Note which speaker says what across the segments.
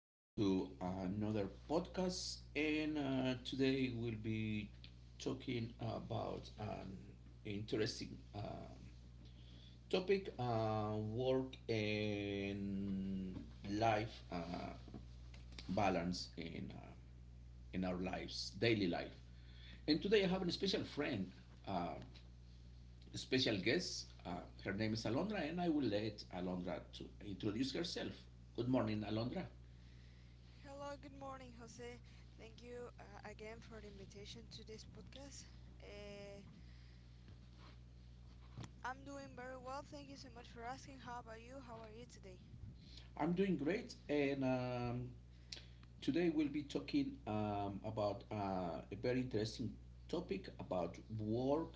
Speaker 1: Welcome to another podcast. And today we'll be talking about an interesting topic, work and life balance in our lives, daily life. And today I have a special friend, uh, a special guest. Her name is Alondra, and I will let Alondra to introduce herself. Good morning, Alondra.
Speaker 2: Hello, good morning, Jose. Thank you again for the invitation to this podcast. Uh, I'm doing very well. Thank you so much for asking. How about you? How are you today?
Speaker 1: I'm doing great, and today we'll be talking about a very interesting topic about work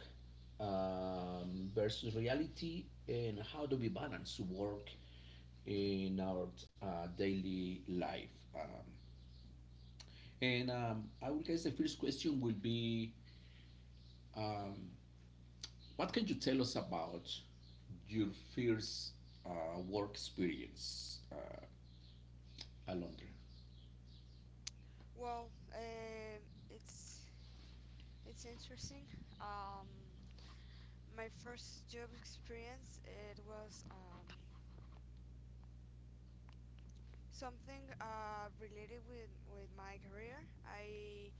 Speaker 1: versus reality and how do we balance work in our daily life. Um, and I would guess the first question will be um, what can you tell us about your first work experience, Alondra?
Speaker 2: Well, it's it's interesting. Um, my first job experience it was something related with my career. I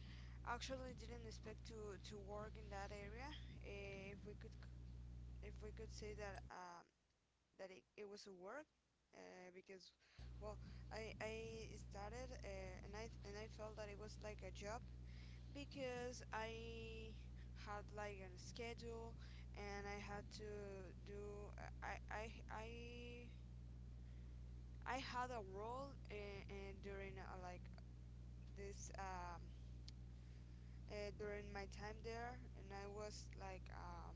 Speaker 2: actually didn't expect to work in that area. If we could say that that it was a work because well I started and I felt that it was like a job because I had like a schedule and I had to do I I I I had a role in during like this during my time there, and I was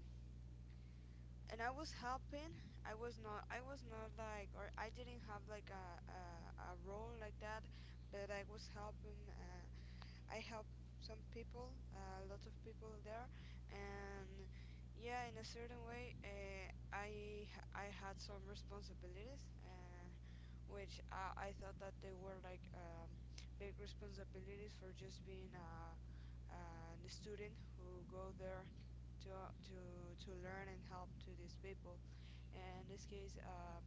Speaker 2: and I was helping. I was not. I was not like, or I didn't have like a role like that. But I was helping. I helped some people, a lot of people there, and yeah, in a certain way, I had some responsibilities, which I thought that they were like big responsibilities for just being a student who go there to learn and help to these people. And in this case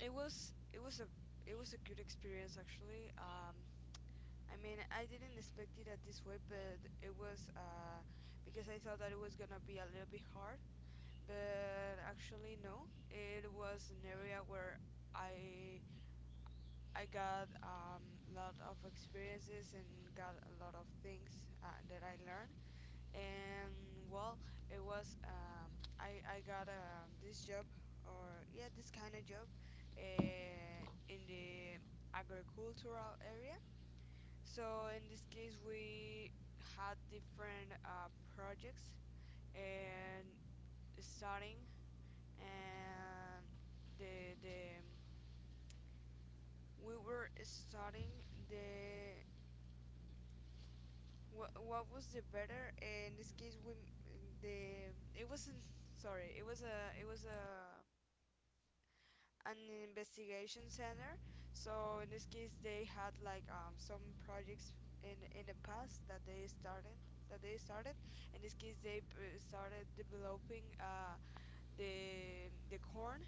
Speaker 2: it was it was a it was a good experience actually. I mean, I didn't expect it at this way, but it was because I thought that it was gonna be a little bit hard, but actually no, it was an area where i i got a lot of experiences and got a lot of things that I learned. And well, it was I got this job, or yeah, this kind of job uh, in the agricultural area. So in this case, we had different projects, and starting, and the we were starting the what was the better. In this case, we the it wasn't, sorry, it was a an investigation center. So in this case, they had like some projects in the past that they started. In this case, they started developing the corn.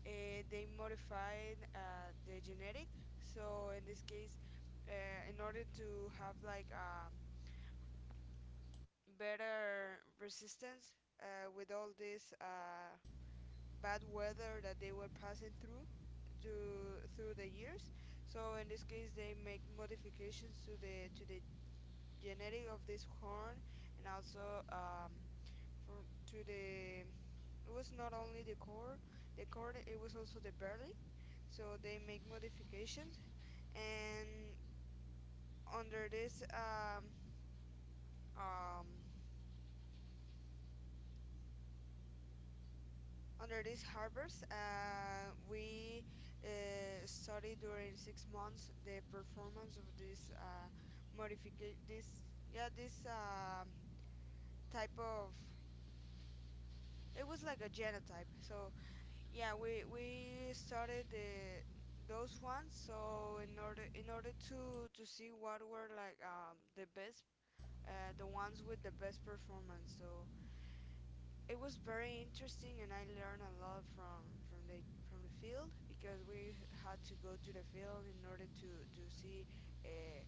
Speaker 2: They modified the genetic. So in this case, in order to have like better resistance with all these bad weather that they were passing through, through the years. So in this case, they make modifications to the genetic of this corn, and also from to the it was not only the corn, it was also the barley. So they make modifications, and under this um, um, under these harbors, we study during 6 months the performance of this modification. This type of it was like a genotype. So yeah, we studied the those ones, so in order to see what were like the best the ones with the best performance. So it was very interesting, and I learned a lot from the field, because we had to go to the field in order to see uh,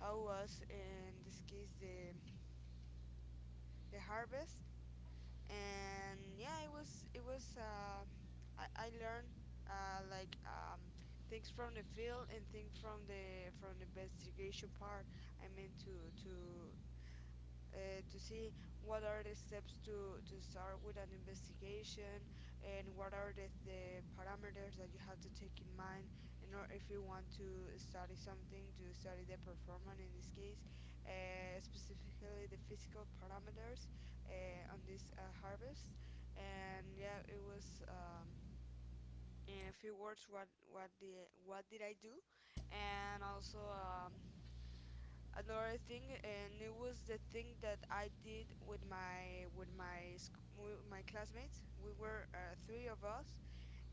Speaker 2: how was in this case the harvest. And yeah, it was I learned like things from the field and things from the investigation part. I mean, to see what are the steps to start with an investigation, and what are the parameters that you have to take in mind. In or If you want to study something, to study the performance, in this case specifically the physical parameters on this harvest. And yeah, it was in a few words what the what did I do. And also another thing, and it was the thing that I did with my classmates. We were three of us,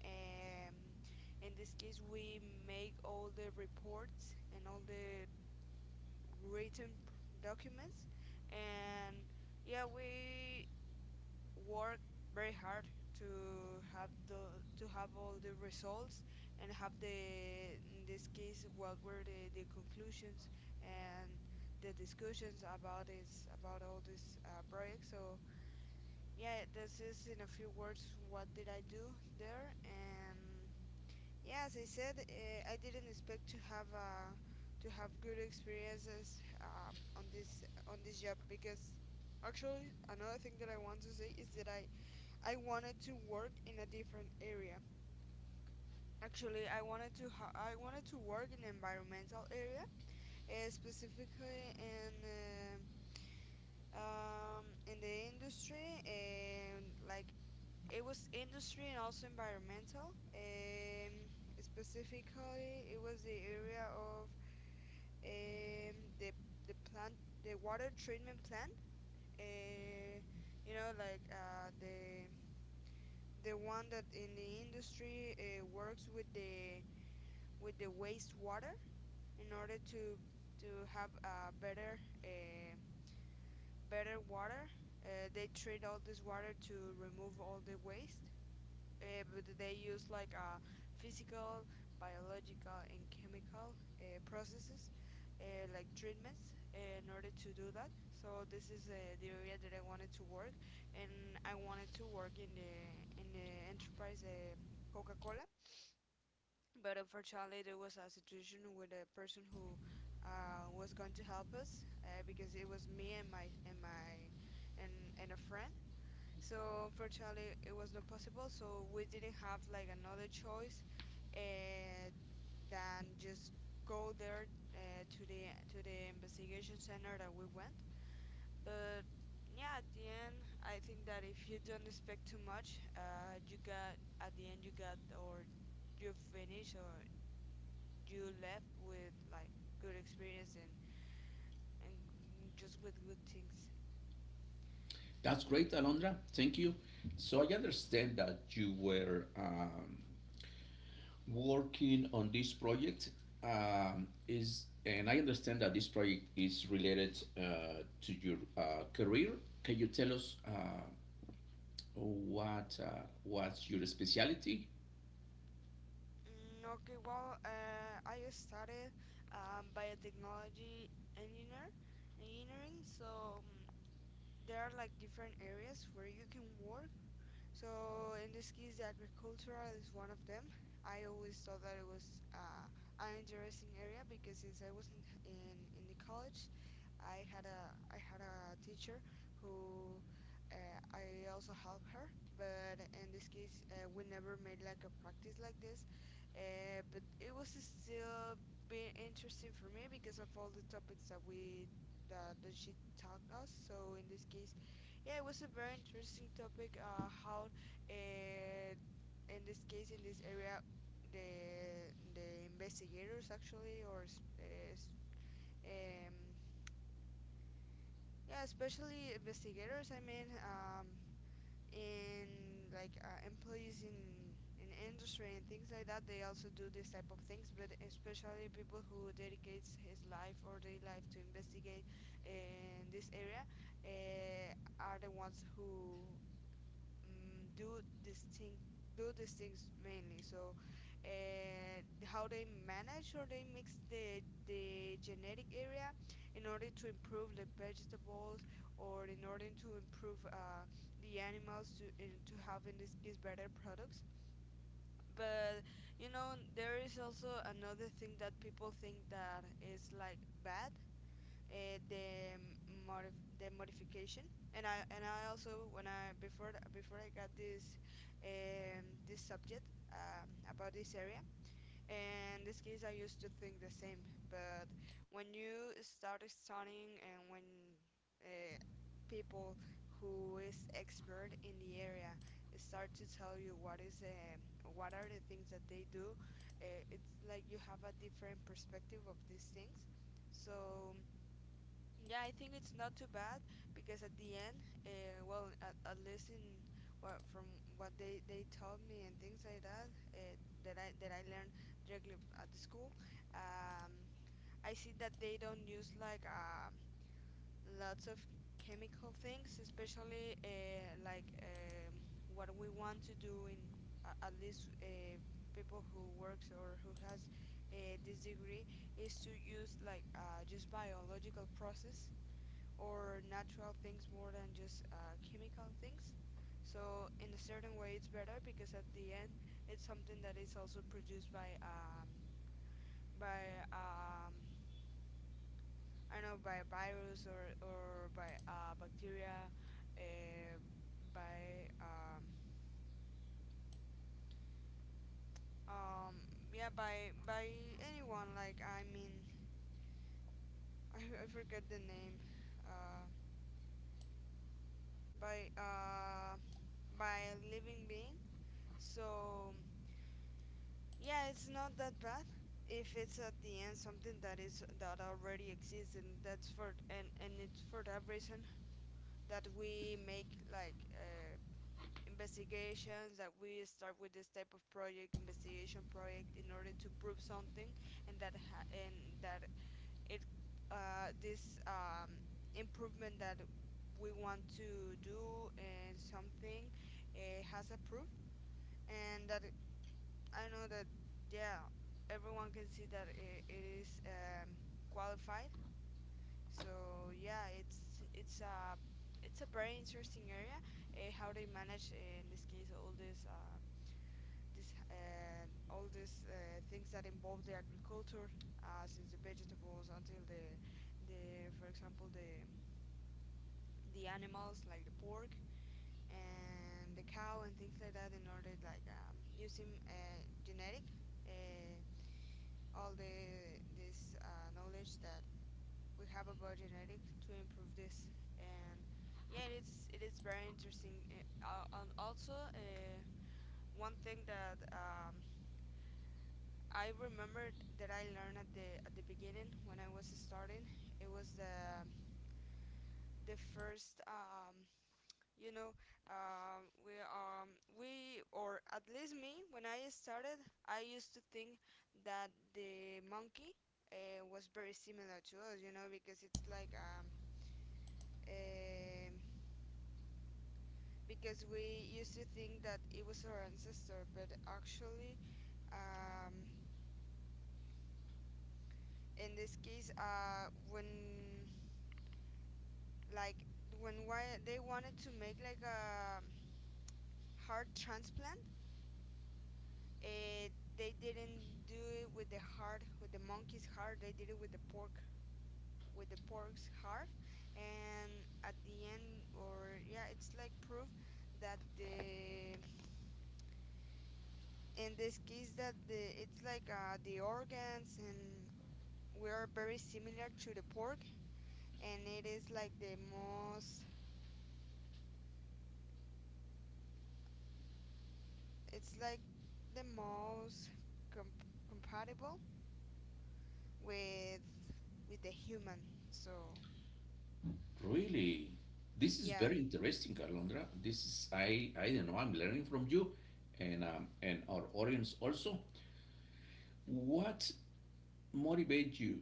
Speaker 2: and in this case, we make all the reports and all the written documents. And yeah, we work very hard to have the to have all the results, and have the in this case what were the conclusions and the discussions about all these projects. So yeah, this is in a few words what did I do there. And yeah, as I said, I didn't expect to have good experiences on this job, because actually another thing that I want to say is that I wanted to work in a different area. Actually, I wanted to I wanted to work in environmental area, specifically in the industry, and like it was industry and also environmental. Specifically, it was the area of um, the the plant, the water treatment plant. Uh, you know, like the one that in the industry works with the wastewater, in order to have a better better water. They treat all this water to remove all the waste, but they use like physical, biological, and chemical processes, like treatments, in order to do that. So this is the area that I wanted to work, and I wanted to work in the enterprise Coca-Cola. But unfortunately, there was a situation with a person who was going to help us, because it was me and my and my and a friend. So unfortunately, it was not possible. So we didn't have like another choice uh, than just go there, to the investigation center that we went. But yeah, at the end, I think that if you don't expect too much, you got at the end, you got, or you finish, or you left with like good experience, and and just with good things.
Speaker 1: That's great, Alondra. Thank you. So I understand that you were working on this project. Is and I understand that this project is related to your career. Can you tell us what's your specialty?
Speaker 2: Mm, okay, well, I studied biotechnology engineer, engineering. So there are like different areas where you can work. So in this case, the agricultural is one of them. I always thought that it was an interesting area, because since I was in the college, I had a teacher who I also helped her, but in this case we never made like a practice like this. But it was still being interesting for me, because of all the topics that she taught us. So in this case, yeah, it was a very interesting topic. How uh, in this case in this area, the investigators actually, or uh, um, yeah, especially investigators. I mean, in like employees in industry and things like that, they also do this type of things. But especially people who dedicates his life or their life to investigate in this area, uh, are the ones who mm, do this thing do these things mainly. So uh, how they manage, or they mix the genetic area in order to improve the vegetables, or in order to improve the animals, to have in this case better products. But there is also another thing that people think that is like bad, the the modification. And I also, when I before before I got this, this subject, about this area, in this case I used to think the same. But when you start studying, and when uh, people who is expert in the area start to tell you what are the things that they do, it's like you have a different perspective of these things. So yeah, I think it's not too bad, because at the end, well, at least in well, from what they taught me and things like that, that I learned directly at the school, um, I see that they don't use like lots of chemical things, especially like what we want to do in, at least people who works, or who has this degree, is to use like just biological process or natural things, more than just chemical things. So in a certain way, it's better, because at the end, it's something that is also produced by by um, I don't know, by a virus, or by bacteria, uh, by um, yeah, by anyone. Like, I mean, I forget the name. Uh, by a living being. So, yeah, it's not that bad if it's at the end something that already exists, and that's for and it's for that reason that we make like investigations that we start with this type of project, investigation project, in order to prove something, and and that it this improvement that we want to do in something has a proof, and that I know that, yeah, everyone can see that it is qualified. So yeah, it's a it's a very interesting area. How they manage in this case all this this all these things that involve the agriculture, since the vegetables until the, for example, the animals like the pork and the cow and things like that, in order, like, using genetic. Uh, all the this knowledge that we have about genetics to improve this. And yeah, it is very interesting, and also one thing that I remembered that I learned at the beginning when I was starting, it was the first, you know um, we um we, or at least me, when I started, I used to think that the monkey was very similar to us, because it's like um because we used to think that it was our ancestor. But actually, um, in this case, when like when why they wanted to make like a heart transplant, It, they didn't do it with the heart, with the monkey's heart. They did it with the pork, with the pork's heart. And at the end, or yeah, it's like proof that the in this case that the it's like the organs, and we are very similar to the pork, and it is like the most. It's like the most com- compatible with the human. So
Speaker 1: Really, this is
Speaker 2: yeah,
Speaker 1: very interesting, Alondra. This is I don't know. I'm learning from you, and our audience also. What motivates you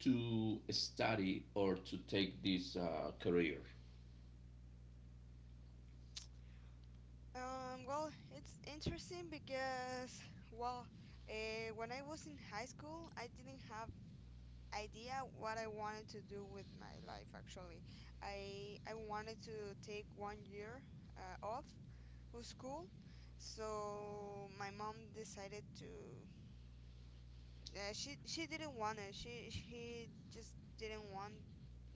Speaker 1: to study or to take this career?
Speaker 2: well, it's interesting because, well, when I was in high school, I didn't have idea what I wanted to do with my life. Actually, I wanted to take one year off of school, so my mom decided to. She didn't want it. She just didn't want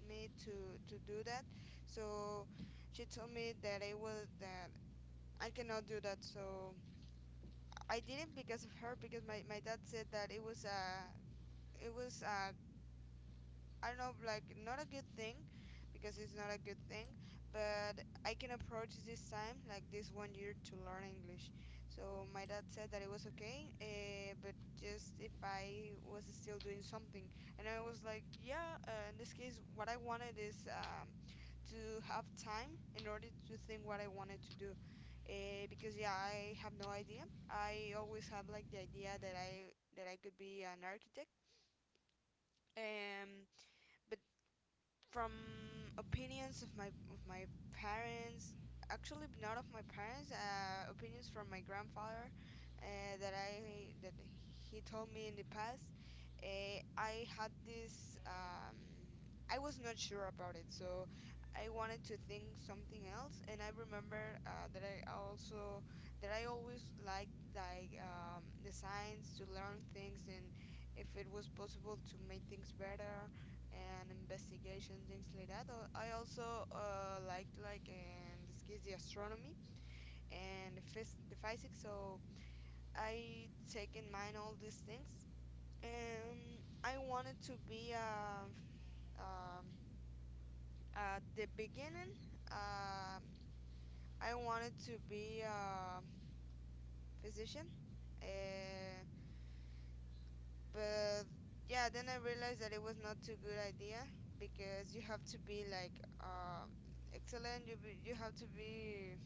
Speaker 2: me to do that. So she told me that I cannot do that. So I didn't, because of her, because my dad said that it was a, it was a I don't know, like, not a good thing, because it's not a good thing. But I can approach this time, like this one year, to learn English. So my dad said that it was okay, but just if I was still doing something. And I was like, yeah, in this case what I wanted is, to have time in order to think what I wanted to do. Because yeah, I have no idea. I always had like the idea that I could be an architect. Um, but from opinions of my parents, actually not of my parents, opinions from my grandfather, that he told me in the past, I had this, I was not sure about it, so I wanted to think something else. And I remember that I also, that I always liked, like, the science, to learn things and if it was possible to make things better, and investigation, things like that. I also liked, like in this case, the astronomy and the physics. So I take in mind all these things. I wanted to be, um, at the beginning, Um, I wanted to be a physician. Uh, but yeah, then I realized that it was not too good idea, because you have to be like, excellent. You you have to be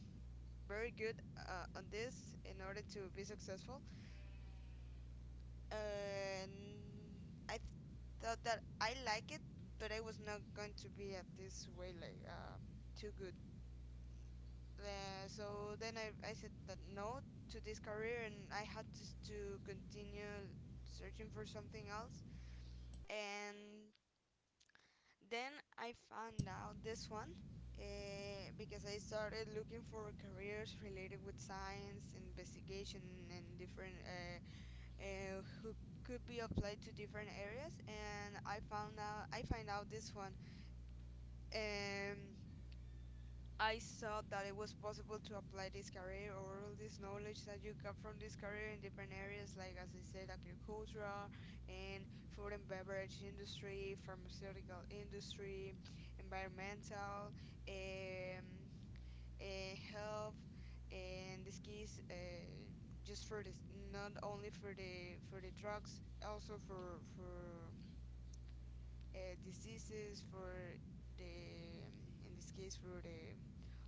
Speaker 2: very good on this in order to be successful, and i th- thought that I like it, but I was not going to be at this way, like too good. So then I said that no to this career, and I had to continue searching for something else. And then I found out this one, because I started looking for careers related with science, investigation, and different, who could be applied to different areas. And I find out this one. Um, I saw that it was possible to apply this career or all this knowledge that you got from this career in different areas, like, as I said, agriculture and food and beverage industry, pharmaceutical industry, environmental, um, health, and this case, just for this, not only for the drugs, also for diseases, for the in this case for the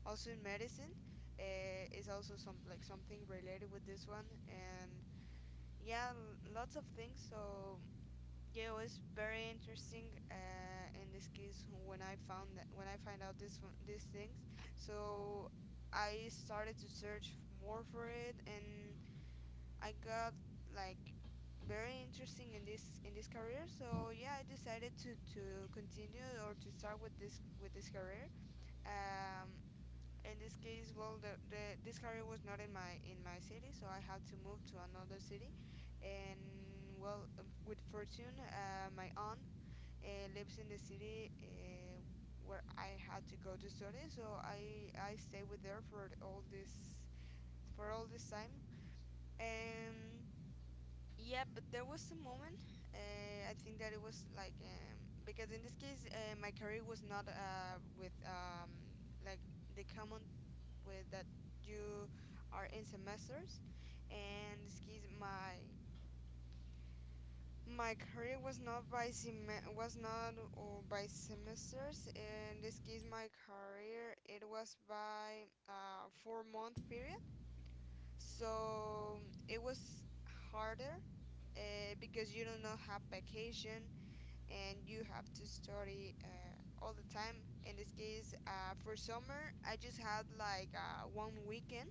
Speaker 2: also in medicine is also some, like, something related with this one. And yeah, lots of things. So yeah, it was very interesting, in this case when I found that, when I find out this one, these things. So I started to search more for it, and I got like very interesting in this career. So yeah, I decided to continue, or to start with this career. um in this case, well, the this career was not in my city, so I had to move to another city. And well, with fortune, my aunt lives in the city where I had to go to study. So I stayed with her for all this, time. And yeah, but there was a moment. I think that it was like, because in this case, my career was not, with, like, the common, with that you are in semesters. And in this case, my career was not, by semesters. In this case, my career, it was by 4-month period. So it was harder, because you do not have vacation, and you have to study all the time. In this case, for summer, I just had like, one weekend,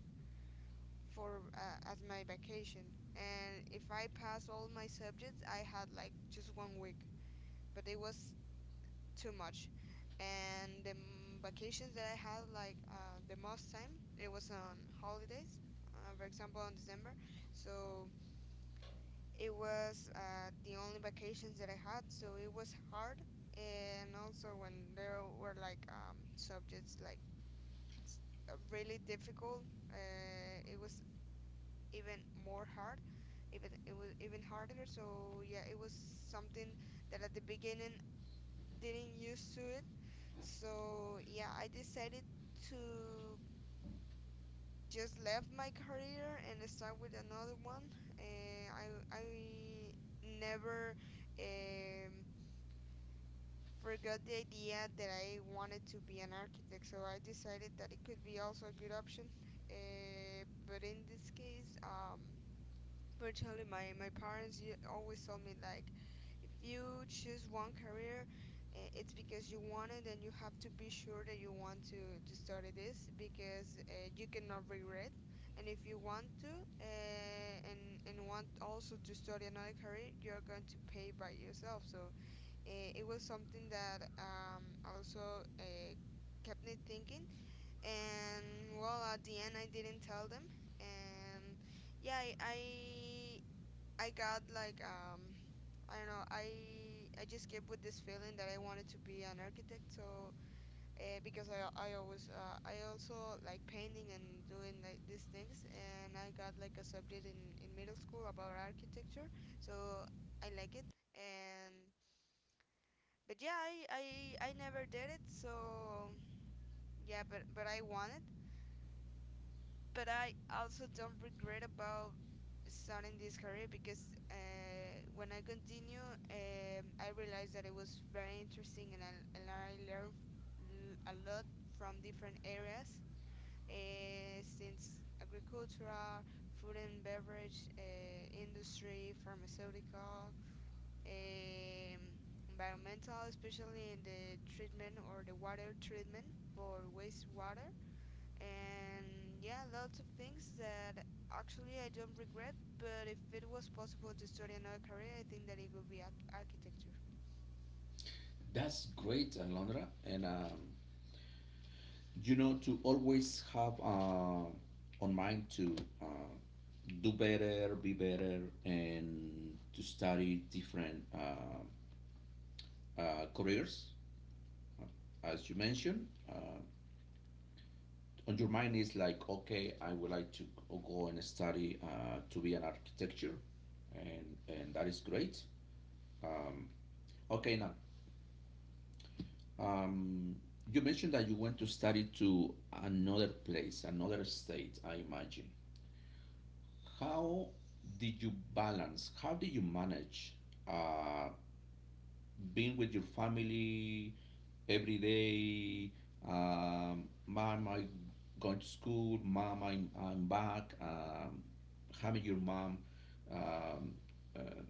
Speaker 2: for as my vacation. And if I pass all my subjects, I had like just one week, but it was too much. And the vacations that I had, like, the most time, it was on holidays, for example, on December. So it was, the only vacations that I had, so it was hard. And also, when there were like, subjects like, s- really difficult, it was even more hard. Even it was even harder. So yeah, it was something that at the beginning didn't used to it. So yeah, I decided to just left my career and start with another one. I never, um, forgot the idea that I wanted to be an architect, so I decided that it could be also a good option. But in this case, virtually my parents always told me like, if you choose one career, it's because you want it, and you have to be sure that you want to study this, because you cannot regret. And if you want and want also to study another career, you're going to pay by yourself. So it was something that, also, kept me thinking. And well, at the end, I didn't tell them. And yeah, I got like, I don't know. I just kept with this feeling that I wanted to be an architect. So because I always, I also like painting and doing like these things. And I got like a subject in middle school about architecture. So I like it, and but yeah, I never did it. So yeah, but I want it, but I also don't regret about starting this career. Because when I continue, I realized that it was very interesting, and and I learned, a lot from different areas, since agricultural, food and beverage, industry, pharmaceutical, um, environmental, especially in the treatment, or the water treatment for wastewater, and yeah, lots of things that actually I don't regret. But if it was possible to study another career, I think that it would be architecture.
Speaker 1: That's great, Alondra. And, to always have on mind to uh, do better, be better, and to study different careers, uh, as you mentioned. On your mind is like, okay, I would like to go and study to be an architecture, and that is great. Um, okay, now. Um, you mentioned that you went to study to another place, another state, I imagine. How did you balance? How did you manage uh, being with your family every day? Mom, I'm going to school. Mom, I'm back. Having your mom um, uh,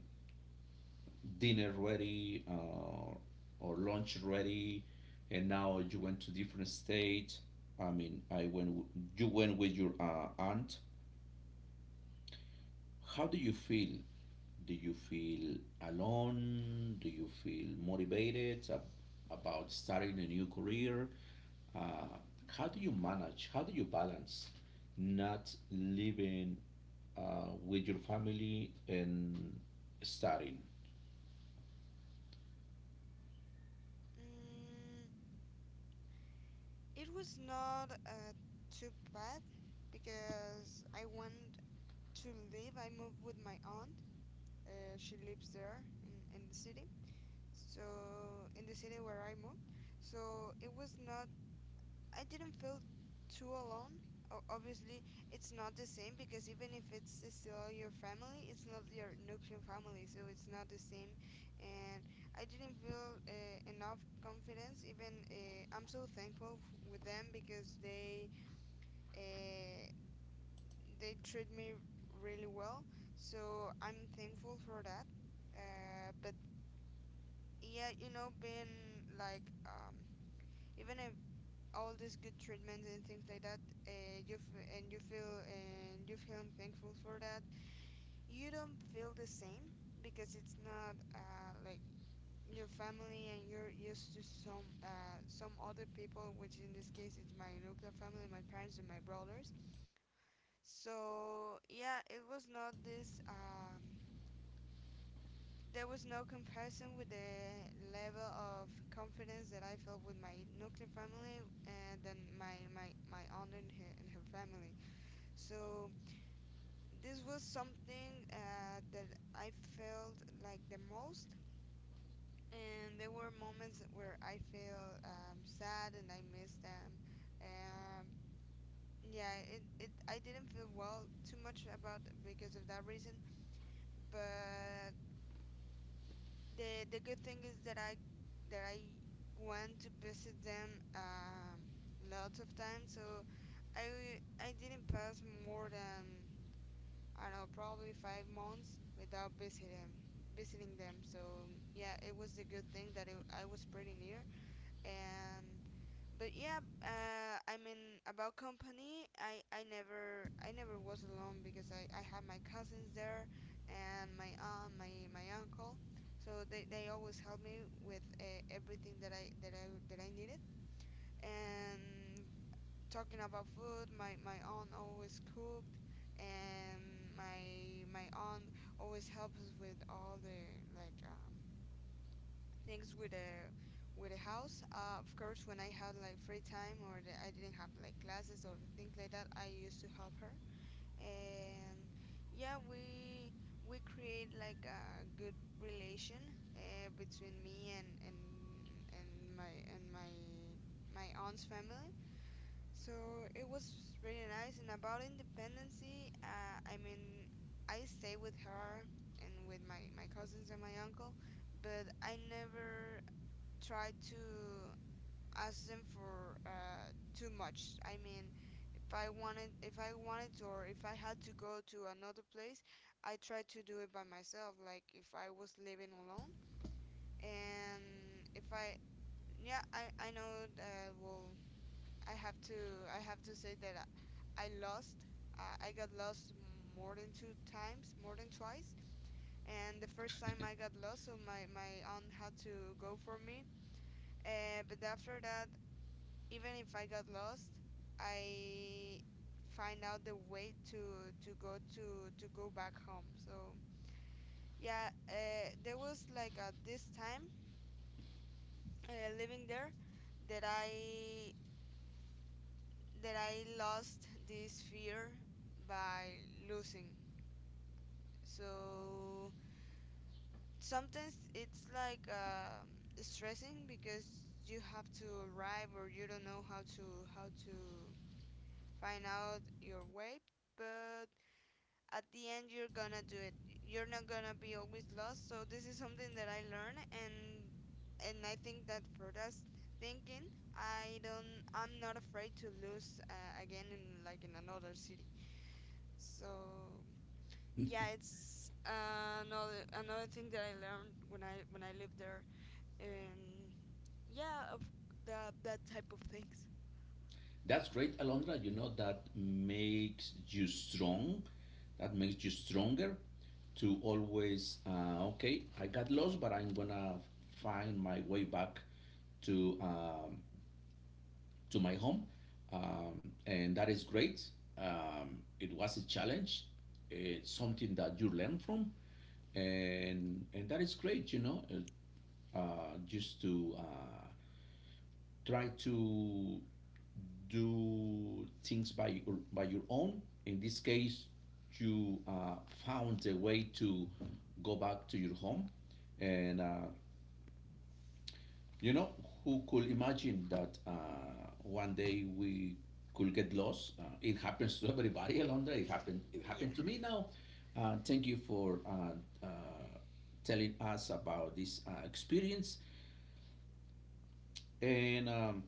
Speaker 1: dinner ready or lunch ready, and now you went to different state. I mean, you went with your aunt. How do you feel? Do you feel alone? Do you feel motivated about starting a new career? uh, how do you manage? How do you balance not living with your family and studying?
Speaker 2: Mm, it was not, too bad, because I went to live. I moved with my aunt. She lives there in the city, so in the city where I moved. So it was not, I didn't feel too alone. Obviously, it's not the same, because even if it's still your family, it's not your nuclear family, so it's not the same. And I didn't feel enough confidence. Even, I'm so thankful, with them, because they, uh, they treat me really well. So I'm thankful for that. But yeah, being like even if all this good treatment and things like that, and you feel thankful for that, you don't feel the same because it's not like your family and you're used to some other people, which in this case it's my nuclear family, my parents and my brothers. So yeah, it was not this there was no comparison with the level of confidence that I felt with my nuclear family and then my aunt and her family. So this was something that I felt like the most, and there were moments where I feel sad and I miss them. Um, yeah, it, I didn't feel well too much about because of that reason, but the good thing is that I went to visit them lots of times. So I didn't pass more than, I don't know, probably 5 months without visiting them. So yeah, it was a good thing that I was pretty near. And but yeah, I mean, about company, I never was alone because I had my cousins there, and my aunt, my uncle, so they always helped me with everything that I needed. And talking about food, my aunt always cooked, and my aunt always helps us with all the like things with the house. Of course, when I had like free time or I didn't have like classes or things like that, I used to help her. And yeah, we create like a good relation between me and and and my aunt's family. So it was really nice. And about independency, I mean, I stay with her and with my cousins and my uncle, but I never try to ask them for too much. I mean, if I wanted to, or if I had to go to another place, I tried to do it by myself, like if I was living alone. And if I, Yeah, I know that, well, I have to I have to say that I lost. I got lost more than two times, more than twice. And the first time I got lost, so my aunt had to go for me. But after that, even if I got lost, I find out the way to go back home. So yeah, there was like at this time living there that I that I lost this fear by losing. So sometimes it's like stressing because you have to arrive or you don't know how to find out your way, but at the end you're gonna do it. You're not gonna be always lost. So this is something that I learned, and I think that for us thinking, I'm not afraid to lose again in like in another city. So yeah, it's another thing that I learned when I lived there. And yeah, of that that type of things.
Speaker 1: That's great, Alondra. You know, that makes you strong. That makes you stronger to always, okay, I got lost, but I'm gonna find my way back to um, to my home, and that is great. It was a challenge. It's something that you learn from, and that is great. You know, just to try to do things by your own. In this case, you found a way to go back to your home, and you know who could imagine that one day we could get lost. It happens to everybody, Alondra. It happened. It
Speaker 2: Yeah,
Speaker 1: happened to me now. Thank you for telling us about this experience. And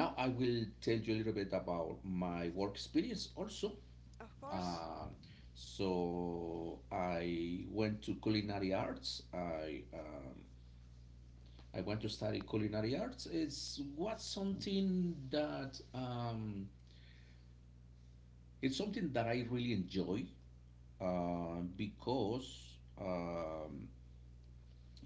Speaker 1: now I will tell you a little bit about my work experience also.
Speaker 2: of course.
Speaker 1: Um, so I went to culinary arts. I went to study culinary arts. It's something that I really enjoy, because um,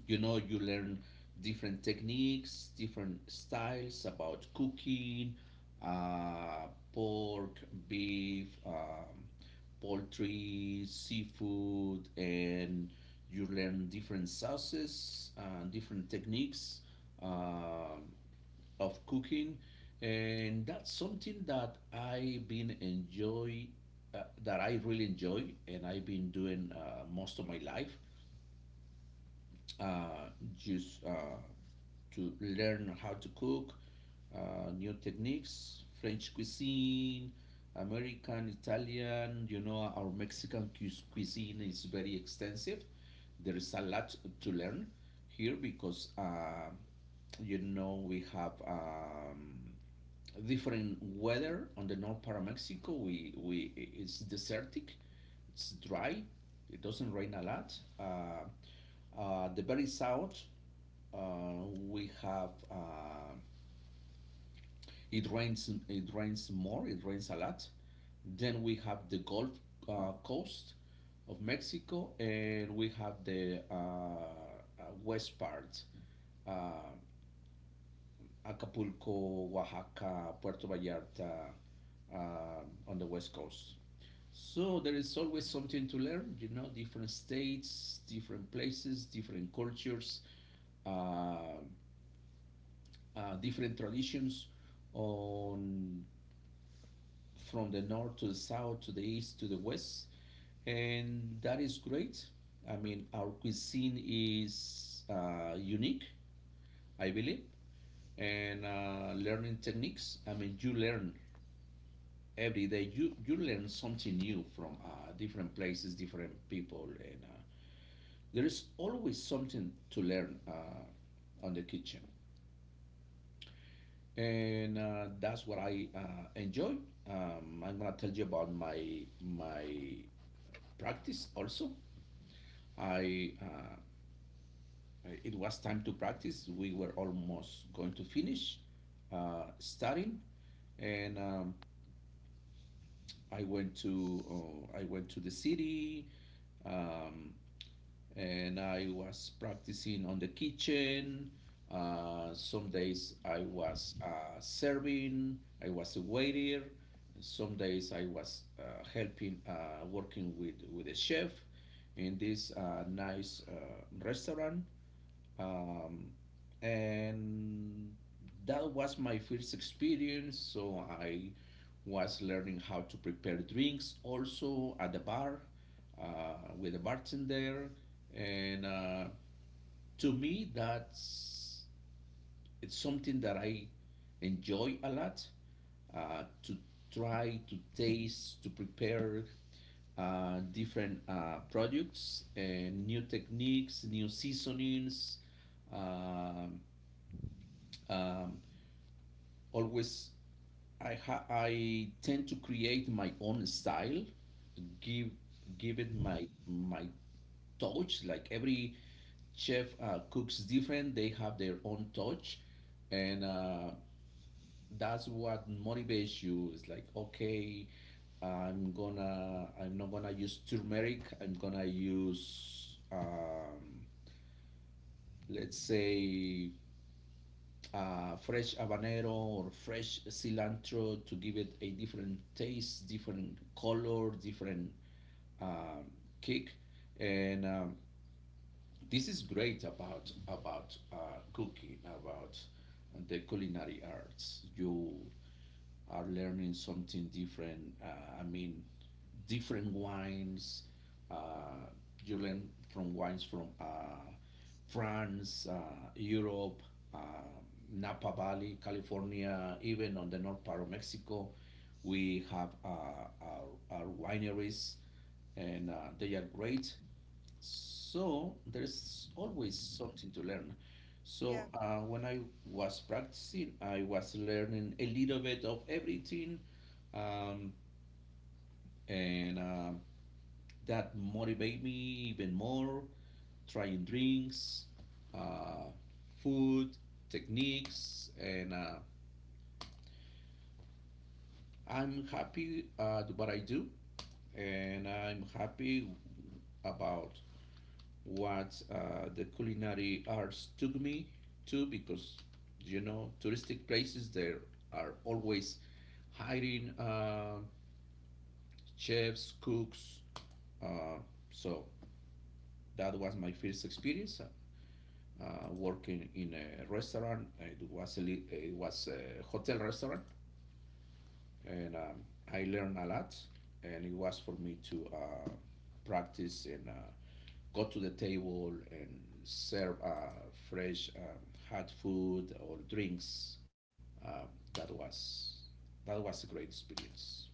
Speaker 1: you know you learn different techniques, different styles about cooking, uh, pork, beef, poultry, seafood, and you learn different sauces, different techniques um of cooking. And that's something that I really enjoy, and I've been doing, most of my life, uh, just to learn how to cook, new techniques, French cuisine, American, Italian. You know, our Mexican cuisine is very extensive. There is a lot to learn here because, we have different weather on the north part of Mexico. We It's desertic, it's dry, it doesn't rain a lot. Uh, the very south, uh, we have it rains. It rains more. It rains a lot. Then we have the Gulf Coast of Mexico, and we have the west part, uh, Acapulco, Oaxaca, Puerto Vallarta, on the west coast. So there is always something to learn, different states, different places, different cultures, uh, different traditions, on from the north to the south to the east to the west, and that is great. I mean, our cuisine is unique, I believe. And learning techniques, I mean, you learn every day. You learn something new from different places, different people, and there is always something to learn, on the kitchen, and that's what I enjoy. I'm gonna tell you about my practice also. I It was time to practice. We were almost going to finish studying, and I went to, the city. Um, and I was practicing on the kitchen. Some days I was serving, I was a waiter. Some days I was helping, working with a chef in this nice restaurant, um, and that was my first experience. So I was learning how to prepare drinks also at the bar, with a bartender, and to me, that's it's something that I enjoy a lot, to try to taste, to prepare, different products and new techniques, new seasonings. um, um, Always I tend to create my own style, give give it my touch. Like every chef cooks different, they have their own touch, and that's what motivates you. It's like okay, I'm not gonna use turmeric. I'm gonna use, let's say, fresh habanero or fresh cilantro to give it a different taste, different color, different um kick. And this is great about, cooking, about the culinary arts. You are learning something different. I mean, different wines. uh, you learn from wines from, France, Europe, uh, Napa Valley, California. Even on the north part of Mexico we have our, our wineries, and they are great. So there's always something to learn.
Speaker 2: Yeah.
Speaker 1: So when I was practicing, I was learning a little bit of everything, um, and that motivated me even more. Trying drinks, uh, food, techniques, and I'm happy at what I do, and I'm happy about what the culinary arts took me to, because touristic places there are always hiring chefs, cooks. uh, so that was my first experience, uh, working in a restaurant. It was a hotel restaurant, and I learned a lot. And it was for me to practice and go to the table and serve fresh, hot food or drinks. Um, that was a great experience.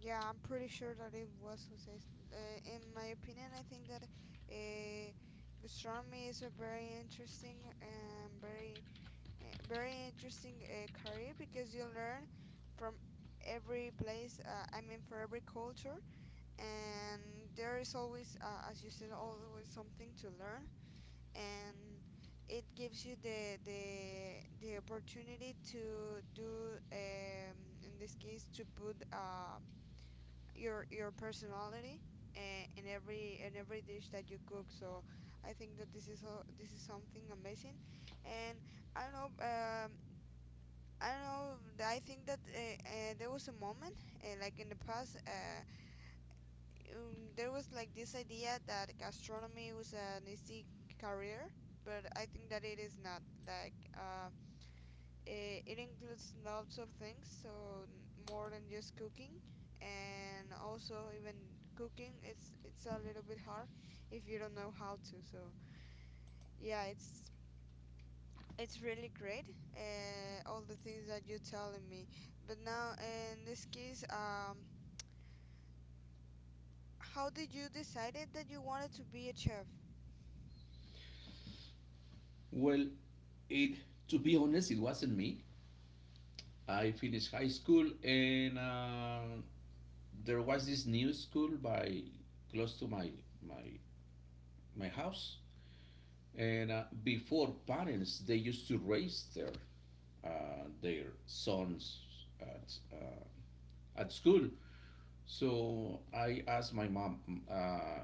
Speaker 2: Yeah, I'm pretty sure that it was Jose. Uh, in my opinion, I think that uh, gastronomy is a very interesting and very interesting career because you learn from every place. I mean, for every culture, and there is always, as you said, always something to learn, and it gives you the the opportunity to do, in this case, to put your personality in every dish that you cook. So I think that this is something amazing, and I don't know. I don't know. I think that there was a moment, like in the past, there was like this idea that gastronomy was an easy career, but I think that it is not. Like it includes lots of things, so more than just cooking. And also, even cooking, it's a little bit hard if you don't know how to. So yeah, it's really great. All the things that you're telling me. But now, in this case, how did you decided that you wanted to be a chef?
Speaker 1: Well, it to be honest, it wasn't me. I finished high school, and there was this new school by close to my my house. And before, parents, they used to raise their their sons at uh, at school. So I asked my mom, uh,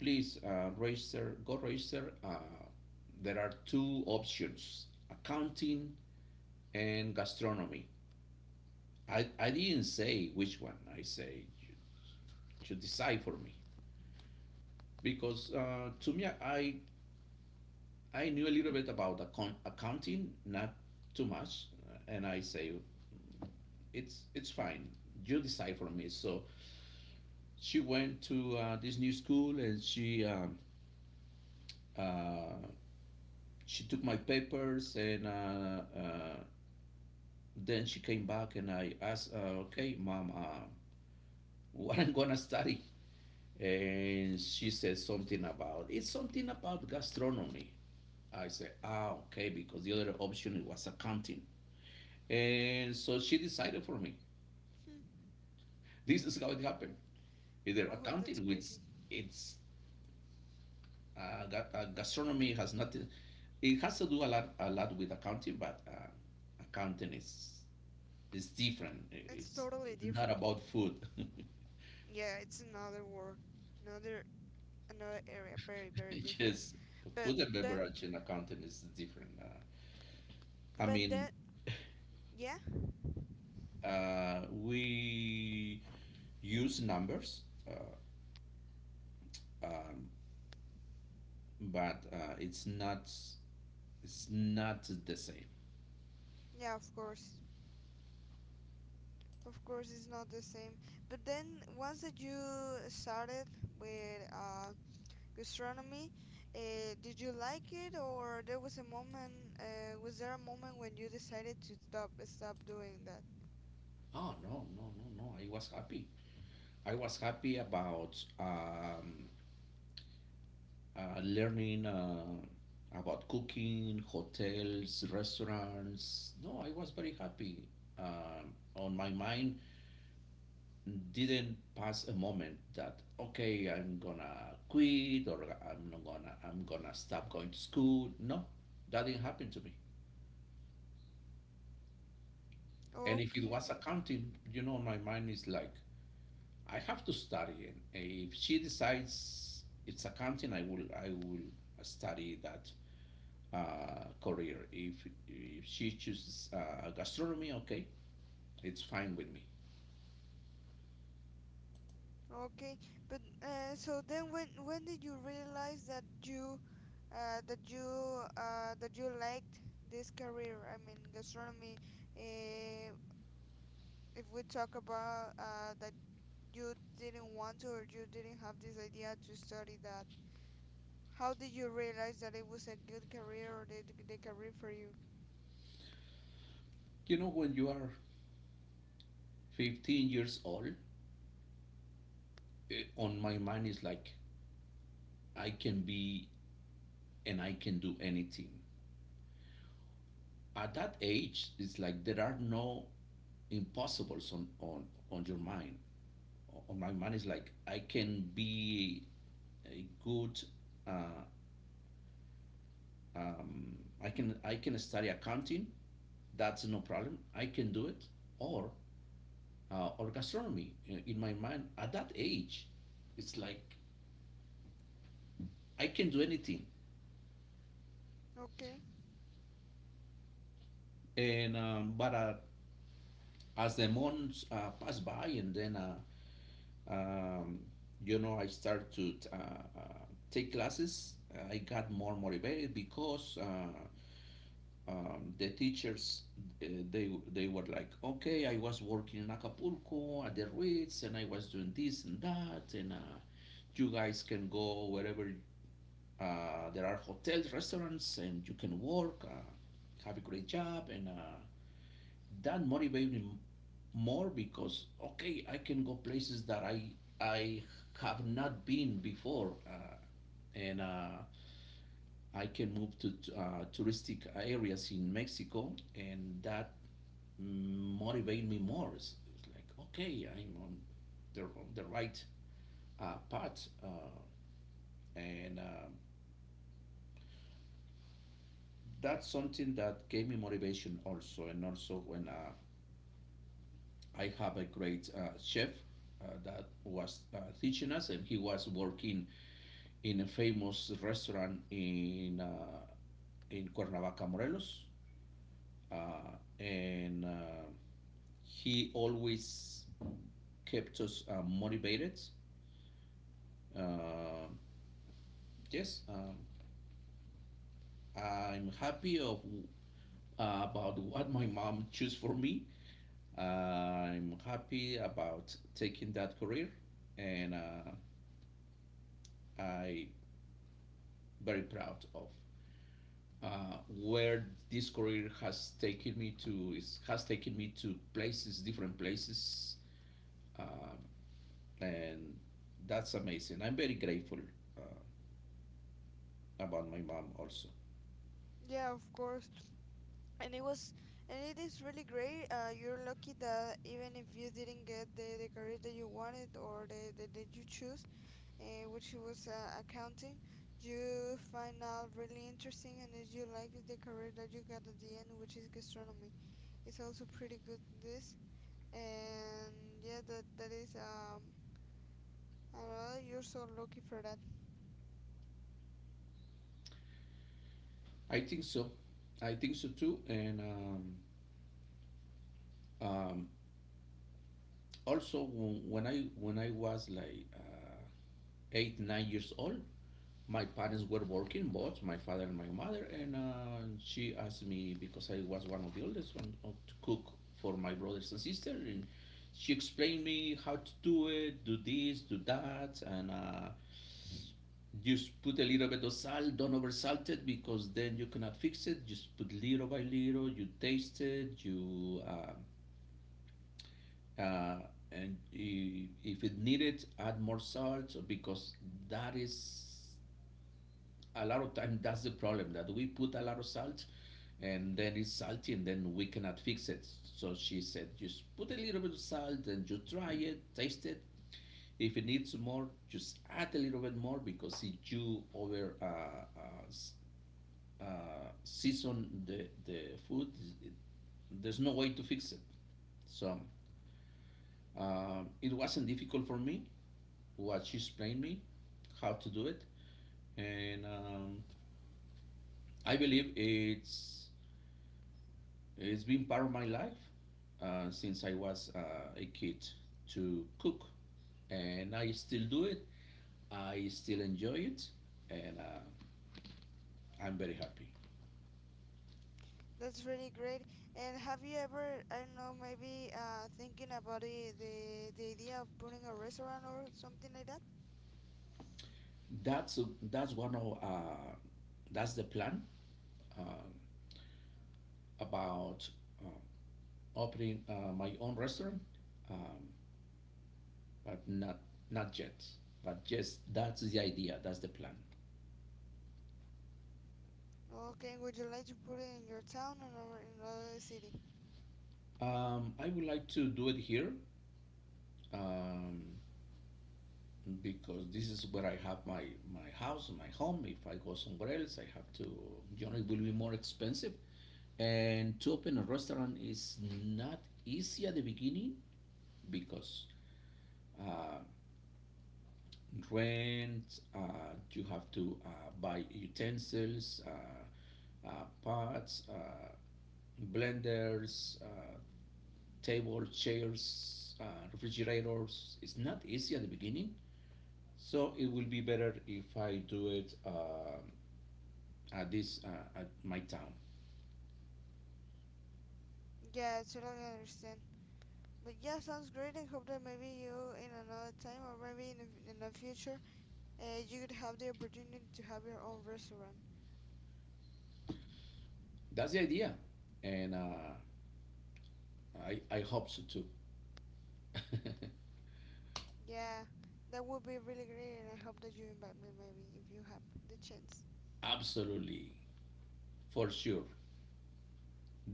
Speaker 1: please, register, go register. There are two options: accounting and gastronomy. I didn't say which one. I say, you decide for me. Because to me, I knew a little bit about accounting, not too much. And I say, it's fine. You decide for me. So she went to this new school, and uh, she took my papers, and then she came back, and I asked, okay, mom, what I'm gonna study? And she said something about, it's something about gastronomy. I said, ah, okay, because the other option was accounting. And so she decided for me.
Speaker 2: Hmm.
Speaker 1: This is how it happened. Either
Speaker 2: Oh, that's
Speaker 1: accounting, which
Speaker 2: crazy.
Speaker 1: it's uh, gastronomy has nothing. It has to do a lot with accounting, but accounting is it's different.
Speaker 2: It's
Speaker 1: It's
Speaker 2: totally
Speaker 1: not
Speaker 2: different.
Speaker 1: about food.
Speaker 2: Yeah, it's another world, another another area, very different.
Speaker 1: Yes,
Speaker 2: But
Speaker 1: food and
Speaker 2: then
Speaker 1: beverage and accounting is different. I
Speaker 2: but
Speaker 1: mean,
Speaker 2: then yeah.
Speaker 1: we use numbers, uh, um, but it's not the same.
Speaker 2: Yeah, of course. Of course it's not the same. But then, once that you started with gastronomy, did you like it or there was a moment was there a moment when you decided to stop doing that?
Speaker 1: Oh no no no no! I was happy. I was happy about learning about cooking, hotels, restaurants. No, I was very happy. On my mind, didn't pass a moment that okay, I'm gonna quit, or I'm not gonna I'm gonna stop going to school. No, that didn't happen to me. And if it
Speaker 2: Okay.
Speaker 1: was
Speaker 2: Okay.
Speaker 1: accounting, my mind is like I have to study, and if she decides it's accounting, I will study that career. If she chooses gastronomy, okay, it's fine with me.
Speaker 2: Okay, but so then when did you realize that you that you that you liked this career, I mean gastronomy? uh, if we talk about that you didn't want to or you didn't have this idea to study that, how did you realize that it was a good career or the career for you?
Speaker 1: When you are 15 years old, on my mind is like, I can be and I can do anything. At that age, it's like there are no impossibles on your mind. On my mind is like, I can be a good, uh, um, I can study accounting, that's no problem, I can do it. Or or gastronomy. My mind, at that age, it's like I can do anything.
Speaker 2: Okay,
Speaker 1: And but As the months pass by, and then um, I start to uh, take classes. I got more motivated because the teachers they were like, okay, I was working in Acapulco at the Ritz, and I was doing this and that, and. You guys can go wherever. There are hotels, restaurants, and you can work, have a great job, and that motivated me more because okay, I can go places that I have not been before, and I can move to touristic areas in Mexico, and that motivate me more. It's like okay, I'm on the right path, and that's something that gave me motivation also, and also when I have a great chef that was teaching us, and he was working in a famous restaurant in Cuernavaca, Morelos. And He always kept us motivated. uh, yes um, I'm happy of about what my mom chose for me. I'm happy about taking that career, and I very proud of where this career has taken me to. It has taken me to places, different places, um, and that's amazing. I'm very grateful uh, about my mom also.
Speaker 2: yeah, of course. And it was, and it is really great. You're lucky that even if you didn't get the career that you wanted or the that you choose, which was accounting, you find out really interesting and that you like the career that you got at the end, which is gastronomy. It's also pretty good, this, and yeah, that that is I don't know, you're so lucky for that.
Speaker 1: I think so. I think so too. And um, Also when when I was like 8 9 years old, my parents were working, both my father and my mother, and she asked me because I was one of the oldest one to cook for my brothers and sister, and she explained me how to do it, do this, do that, and just put a little bit of salt. Don't oversalt it because then you cannot fix it. Just put little by little. You taste it. You uh, and if it needed, add more salt, because that is a lot of time, that's the problem, that we put a lot of salt and then it's salty and then we cannot fix it. So she said just put a little bit of salt, and you try it, taste it. If it needs more, just add a little bit more, because if you over uh, season the food, it, there's no way to fix it. So it wasn't difficult for me what she explained me, how to do it. And I believe it's been part of my life since I was a kid, to cook, and I still do it. I still enjoy it, and I'm very happy.
Speaker 2: That's really great. And have you ever, I don't know, maybe thinking about the idea of putting a restaurant or something like that?
Speaker 1: That's that's one of that's the plan, uh, about opening my own restaurant, um, but not not yet. But just that's the idea. That's the plan.
Speaker 2: Okay, would you like to put it in your town or in another city?
Speaker 1: I would like to do it here. Um, because this is where I have my, my house, my home. If I go somewhere else, I have to, you know, it will be more expensive. And to open a restaurant is not easy at the beginning, because uh, rent, you have to buy utensils, pots, blenders, tables, chairs, refrigerators. It's not easy at the beginning. So it will be better if I do it at this at my town.
Speaker 2: Yeah, I totally understand. But yeah, sounds great. I hope that maybe you in another time or maybe in in the future, you could have the opportunity to have your own restaurant.
Speaker 1: That's the idea, and I hope so too.
Speaker 2: Yeah, that would be really great, and I hope that you invite me maybe if you have the chance.
Speaker 1: Absolutely, for sure.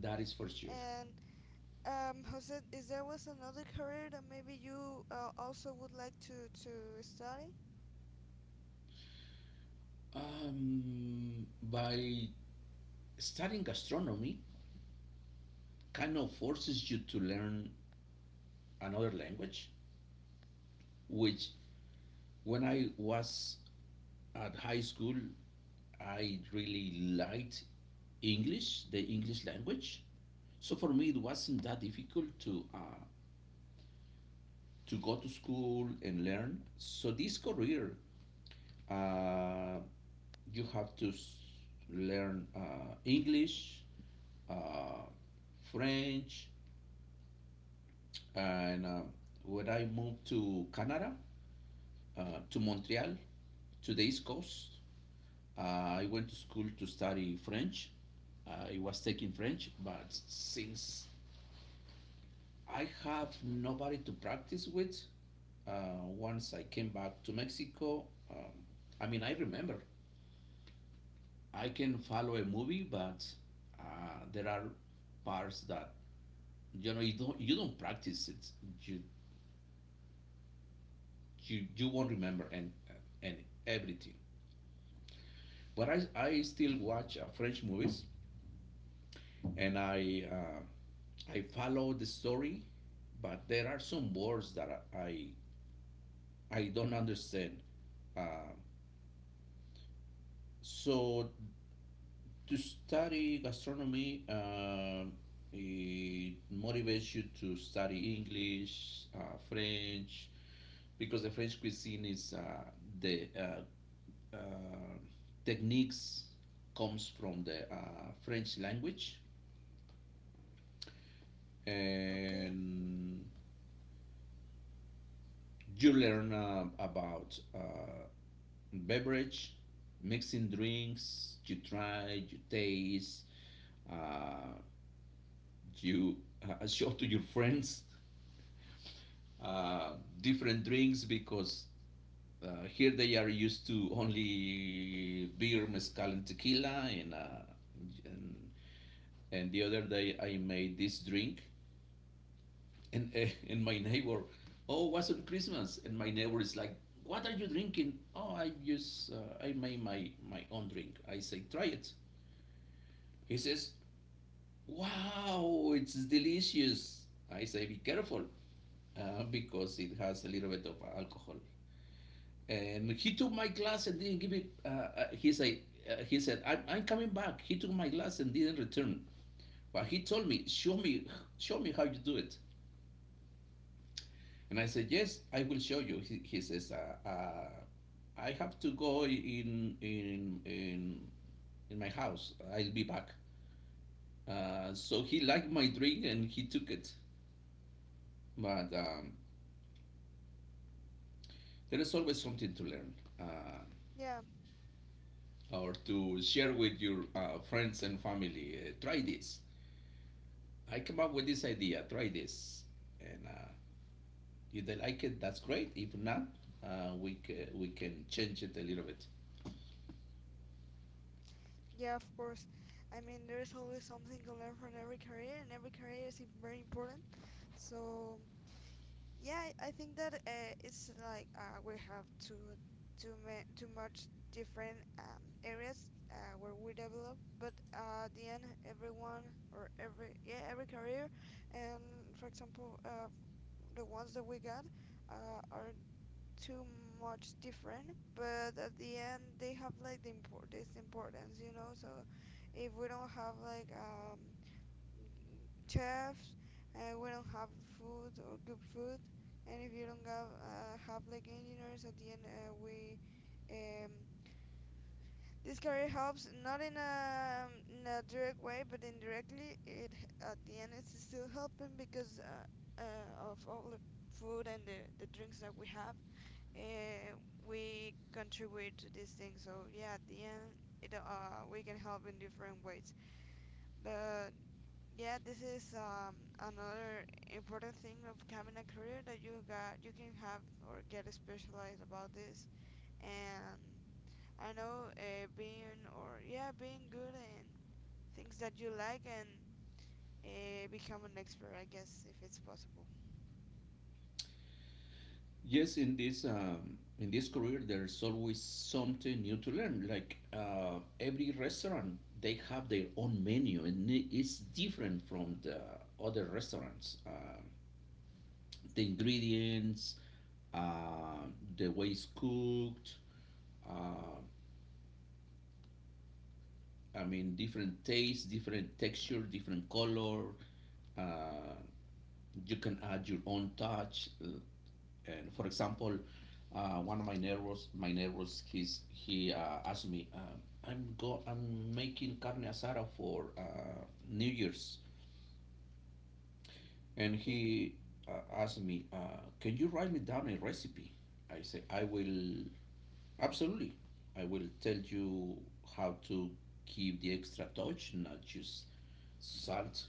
Speaker 1: That is for sure.
Speaker 2: And Jose, is there was another career that maybe you also would like to study?
Speaker 1: By studying gastronomy, kind of forces you to learn another language, which, when I was at high school, I really liked English, the English language. So for me, it wasn't that difficult to go to school and learn. So this career, uh, you have to learn English, uh, French, and when I moved to Canada, to Montreal, to the East Coast, uh, I went to school to study French. I was taking French, but since I have nobody to practice with. Once I came back to Mexico, um, I mean, I remember I can follow a movie, but uh, there are parts that, you know, you don't practice it. You you won't remember, and everything. But I still watch French movies, and I follow the story, but there are some words that I don't understand. Uh, so To study gastronomy, it motivates you to study English, French, because the French cuisine is the techniques comes from the French language,
Speaker 2: Okay.
Speaker 1: and you learn about beverage, mixing drinks. You try, you taste. Uh, You show to your friends uh, different drinks, because here they are used to only beer, mezcal, and tequila. And, and the other day I made this drink, and my neighbor, oh, it wasn't Christmas? And my neighbor is like, what are you drinking? Oh, I just I made my own drink. I say, try it. He says, wow, it's delicious. I say, be careful, because it has a little bit of alcohol. And he took my glass and didn't give it. He said, I'm coming back. He took my glass and didn't return. But he told me, show me, show me how you do it. And I said, yes, I will show you. He says, I have to go in my house. I'll be back. So he liked my drink and he took it. But there is always something to learn. Um
Speaker 2: Yeah,
Speaker 1: or to share with your friends and family. Try this. I came up with this idea. Try this, and if they like it, that's great. If not, we we can change it a little bit.
Speaker 2: yeah, of course. I mean, there is always something to learn from every career, and every career is very important. So yeah, I think that it's like we have too much different areas where we develop, but at the end, everyone or every, yeah, every career, and for example, the ones that we got are too much different, but at the end they have like the import this importance, you know. So if we don't have like chefs, we don't have food or good food. And if you don't have like engineers at the end, we um, this career helps, not in a, in a direct way, but indirectly, it at the end it's still helping because of all the food and the drinks that we have, uh, we contribute to this thing. So yeah, at the end it, we can help in different ways. But yeah, this is another important thing of having a career that you got. You can have or get specialized about this. And I know being or yeah being good in things that you like and become an expert, I guess, if it's possible.
Speaker 1: Yes, in this career, there's always something new to learn. Like every restaurant, they have their own menu, and it's different from the other restaurants. The ingredients, uh, the way it's cooked, uh, I mean, different taste, different texture, different color. Uh, you can add your own touch. And for example, one of my neighbors, he asked me, I'm making carne asada for New Year's," and
Speaker 2: Okay.
Speaker 1: he asked me, "Can you write me down a recipe?" I say, "I will absolutely. I will tell you how to give the extra touch, not just salt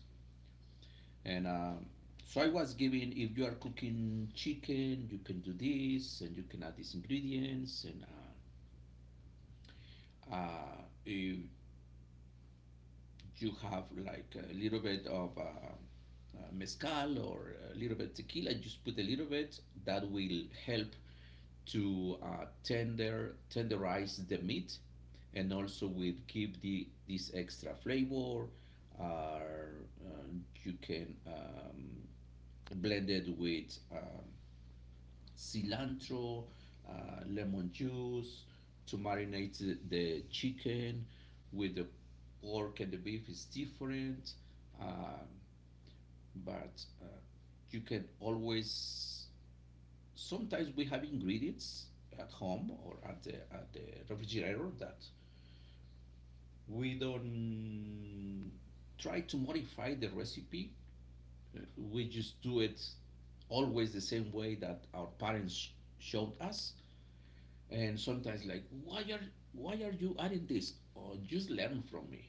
Speaker 1: and so I was given if you are cooking chicken, you can do this, and you can add these ingredients, and if you have like a little bit of mezcal or a little bit tequila, just put a little bit. That will help to tenderize the meat, and also will give the this extra flavor. Uh, uh, you can blend it with. Cilantro, uh, lemon juice to marinate chicken, with the pork and the beef is different. Um, but you can always, sometimes we have ingredients at home or at at the refrigerator that we don't try to modify the recipe. We just do it always the same way that our parents showed us, and sometimes like why are you adding this, or just learn from me,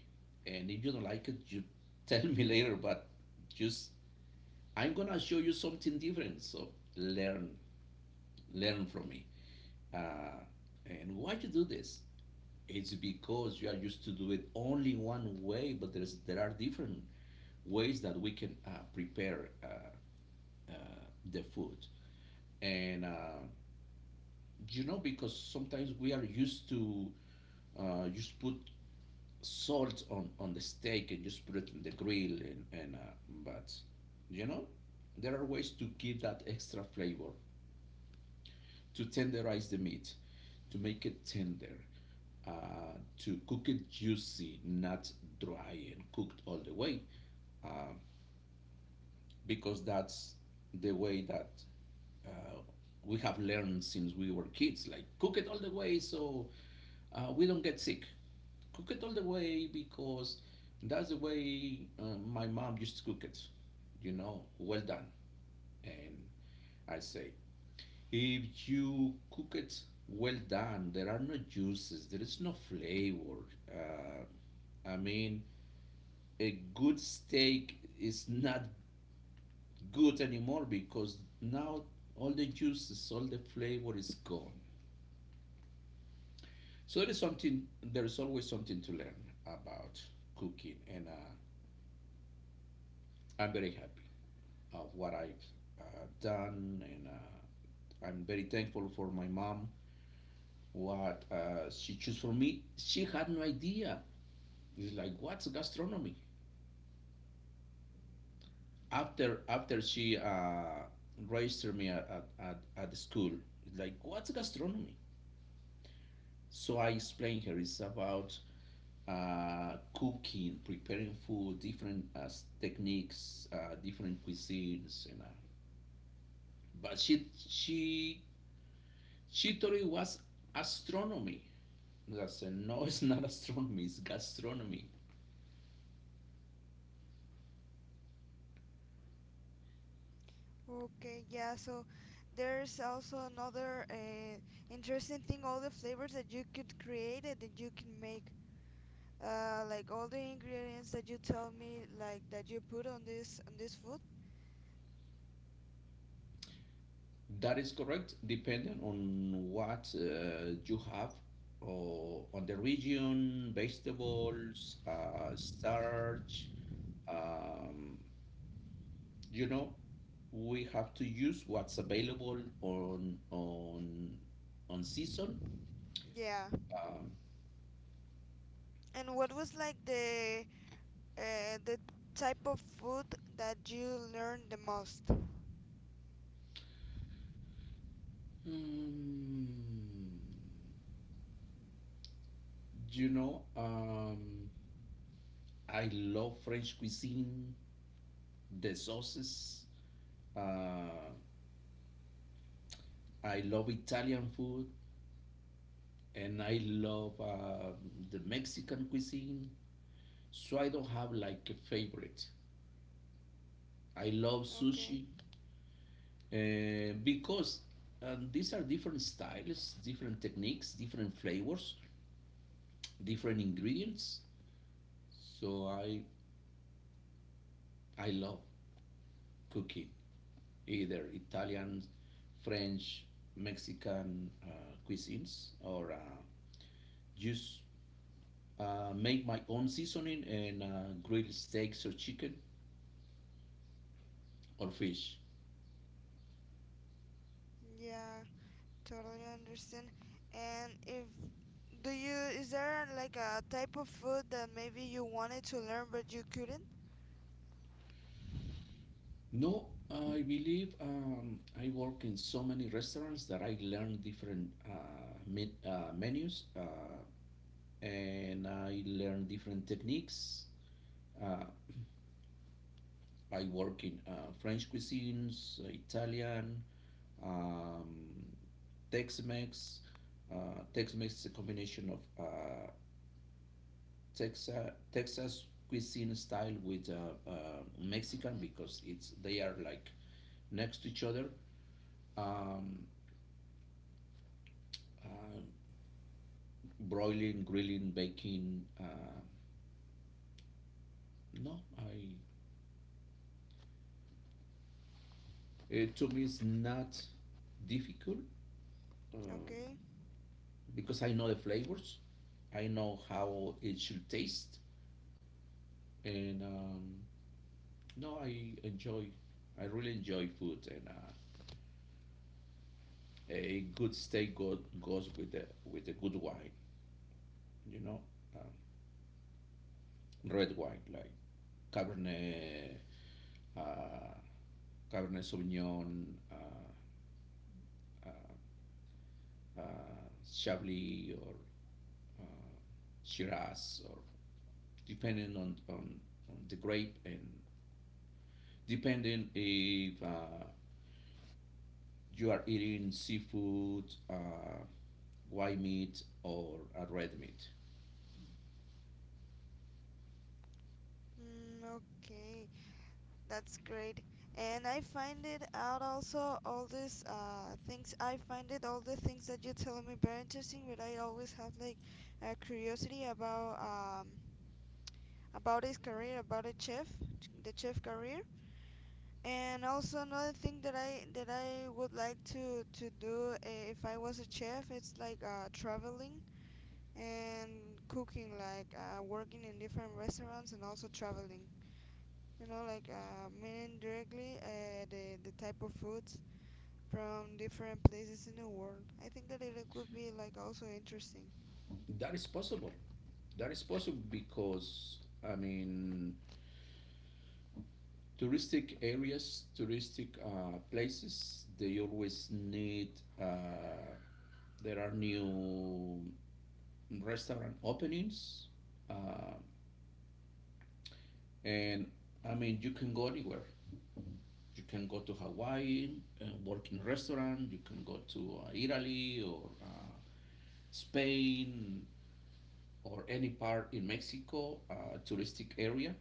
Speaker 1: and if you don't like it you tell me later. But just, I'm gonna show you something different. So learn, learn from me, uh, and why you do this, it's because you are used to do it only one way, but there are different ways that we can prepare uh, the food. And You know, because sometimes we are used to just put salt on the steak and just put it in the grill and but, you know, there are ways to give that extra flavor, to tenderize the meat, to make it tender, to cook it juicy, not dry and cooked all the way, uh, because that's the way that uh, we have learned since we were kids, like cook it all the way, so we don't get sick. Cook it all the way, because that's the way my mom used to cook it. You know, well done. And I say, if you cook it well done, there are no juices, there is no flavor. I mean, a good steak is not good anymore, because now all the juices, all the flavor is gone. So there is something. There is always something to learn about cooking, and I'm very happy of what I've done, and I'm very thankful for my mom. What she chose for me, she had no idea. It's like what's gastronomy? After she registered me at the school, it's like what's gastronomy? So I explained her it's about cooking, preparing food, different techniques, different cuisines, and but she thought it was astronomy. I said, no, it's not astronomy, it's gastronomy.
Speaker 2: Okay. Yeah. So there's also another interesting thing, all the flavors that you could create and that you can make. Like all the ingredients that you tell me, like that you put on this food.
Speaker 1: That is correct, depending on what you have or on the region, vegetables, starch. Um, you know, we have to use what's available on on season.
Speaker 2: Yeah. And what was like the type of food that you learned the most?
Speaker 1: Mm, you know, um, I love French cuisine, the sauces. Uh, I love Italian food and I love the Mexican cuisine. So I don't have like a favorite. I love
Speaker 2: Okay.
Speaker 1: sushi because these are different styles, different techniques, different flavors, different ingredients. So I love cooking either Italian, French, Mexican cuisines or just make my own seasoning and grill steaks or chicken or fish.
Speaker 2: Yeah, totally understand. And if do you, is there like a type of food that maybe you wanted to learn but you couldn't?
Speaker 1: No, I believe I work in so many restaurants that I learn different menus and I learn different techniques. Uh, I work in French cuisines, Italian, um, Tex-Mex. Tex-Mex is a combination of Texas, Texas cuisine style with Mexican because it's they are like next to each other. Um, uh, Broiling, grilling, baking. No, I it to me is not difficult um,
Speaker 2: Okay.
Speaker 1: because I know the flavors. I know how it should taste, and no, I enjoy. I really enjoy food, and a good steak goes with the with a good wine. you know, uh, Red wine like Cabernet, uh, Cabernet Sauvignon, uh, uh, Chablis, or uh, Shiraz, or depending on the grape and depending if you are eating seafood, white meat, or a red meat.
Speaker 2: Mm, okay. That's great. And I find it out also all these things. I find it all the things that you're telling me very interesting, but I always have like a curiosity about his career, about a chef, the chef career. And also another thing that I would like to do, eh, if I was a chef, it's like traveling and cooking, like working in different restaurants and also traveling, like meaning directly the type of foods from different places in the world. I think that it could be like also interesting.
Speaker 1: That is possible. That is possible because I mean touristic areas, touristic places, they always need. Uh, there are new restaurant openings, uh, and I mean you can go anywhere. You can go to Hawaii and work in a restaurant. You can go to Italy or Spain or any part in Mexico, touristic area.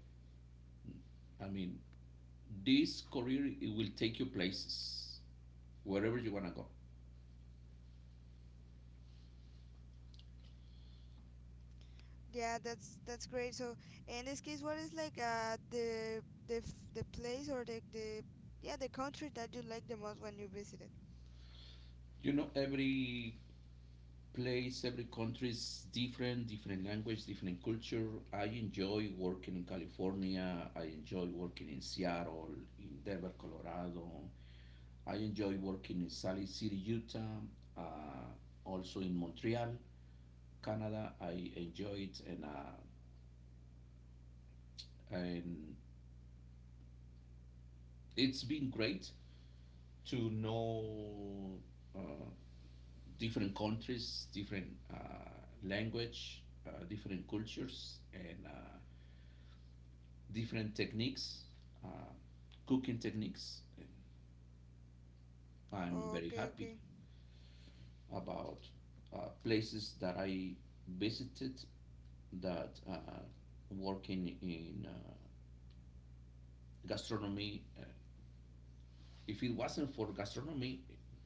Speaker 1: I mean, this career it will take you places wherever you wanna go.
Speaker 2: Yeah, that's great. So in this case, what is like the the place or the yeah the country that you like the most when you visited?
Speaker 1: You know, every place, every country is different, different language, different culture. I enjoy working in California. I enjoy working in Seattle, in Denver, Colorado. I enjoy working in Salt Lake City, Utah, uh, also in Montreal, Canada. I enjoy it, and, and it's been great to know uh, different countries, different language, different cultures, and different techniques, uh, cooking techniques. And I'm very
Speaker 2: Okay,
Speaker 1: happy
Speaker 2: okay.
Speaker 1: about places that I visited, that working in gastronomy. If it wasn't for gastronomy,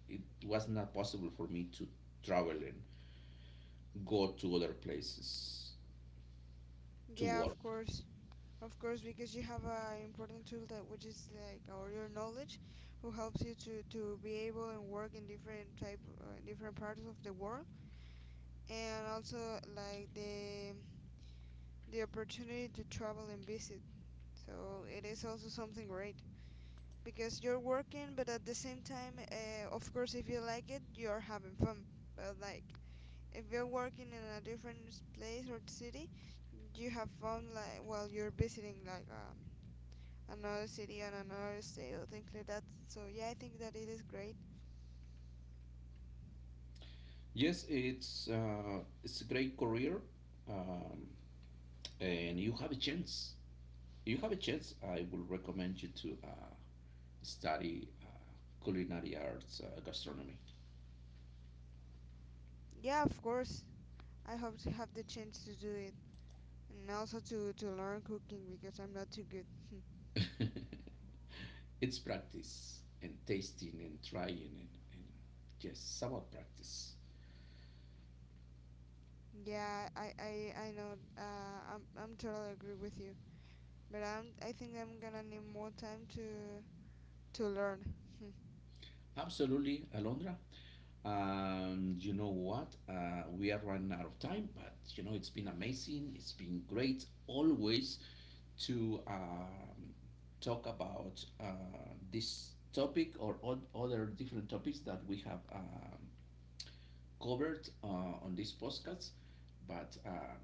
Speaker 1: it was not possible for me to travel and go to other places to
Speaker 2: Yeah, of
Speaker 1: work.
Speaker 2: course. Of course, because you have an important tool, that which is like or your knowledge, who helps you to be able and work in different type, different parts of the world. And also like the opportunity to travel and visit. So it is also something great because you're working, but at the same time, of course, if you like it, you're having fun. But like if you're working in a different place or city, you have fun like while you're visiting like another city and another state or things like that. So yeah, I think that it is great.
Speaker 1: Yes, it's a great career, um, and you have a chance. You have a chance. I will recommend you to study culinary arts, gastronomy.
Speaker 2: Yeah, of course. I hope to have the chance to do it, and also to learn cooking because I'm not too good.
Speaker 1: It's practice and tasting and trying and yes, about practice.
Speaker 2: Yeah, I know. I'm totally agree with you. But I think I'm gonna need more time to learn.
Speaker 1: Absolutely, Alondra. You know what? We are running out of time, but you know it's been amazing. It's been great always to talk about this topic or other different topics that we have covered on this podcast, but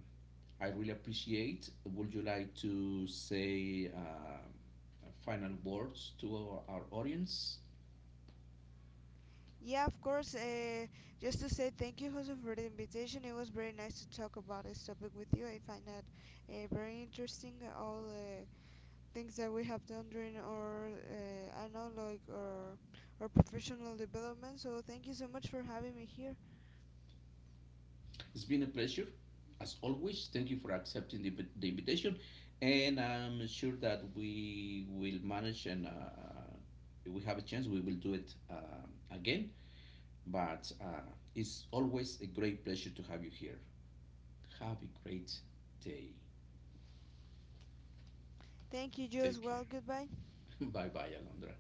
Speaker 1: I really appreciate. Would you like to say final words to our audience?
Speaker 2: Yeah, of course. Just to say thank you, Jose, for the invitation. It was very nice to talk about this topic with you. I find that very interesting, all things that we have done during our, I know like our professional development. So thank you so much for having me here.
Speaker 1: It's been a pleasure, as always. Thank you for accepting the invitation, and I'm sure that we will manage and if we have a chance, we will do it again. But it's always a great pleasure to have you here. Have a great day.
Speaker 2: Thank you, you as
Speaker 1: Take
Speaker 2: well. Goodbye.
Speaker 1: bye bye, Alondra.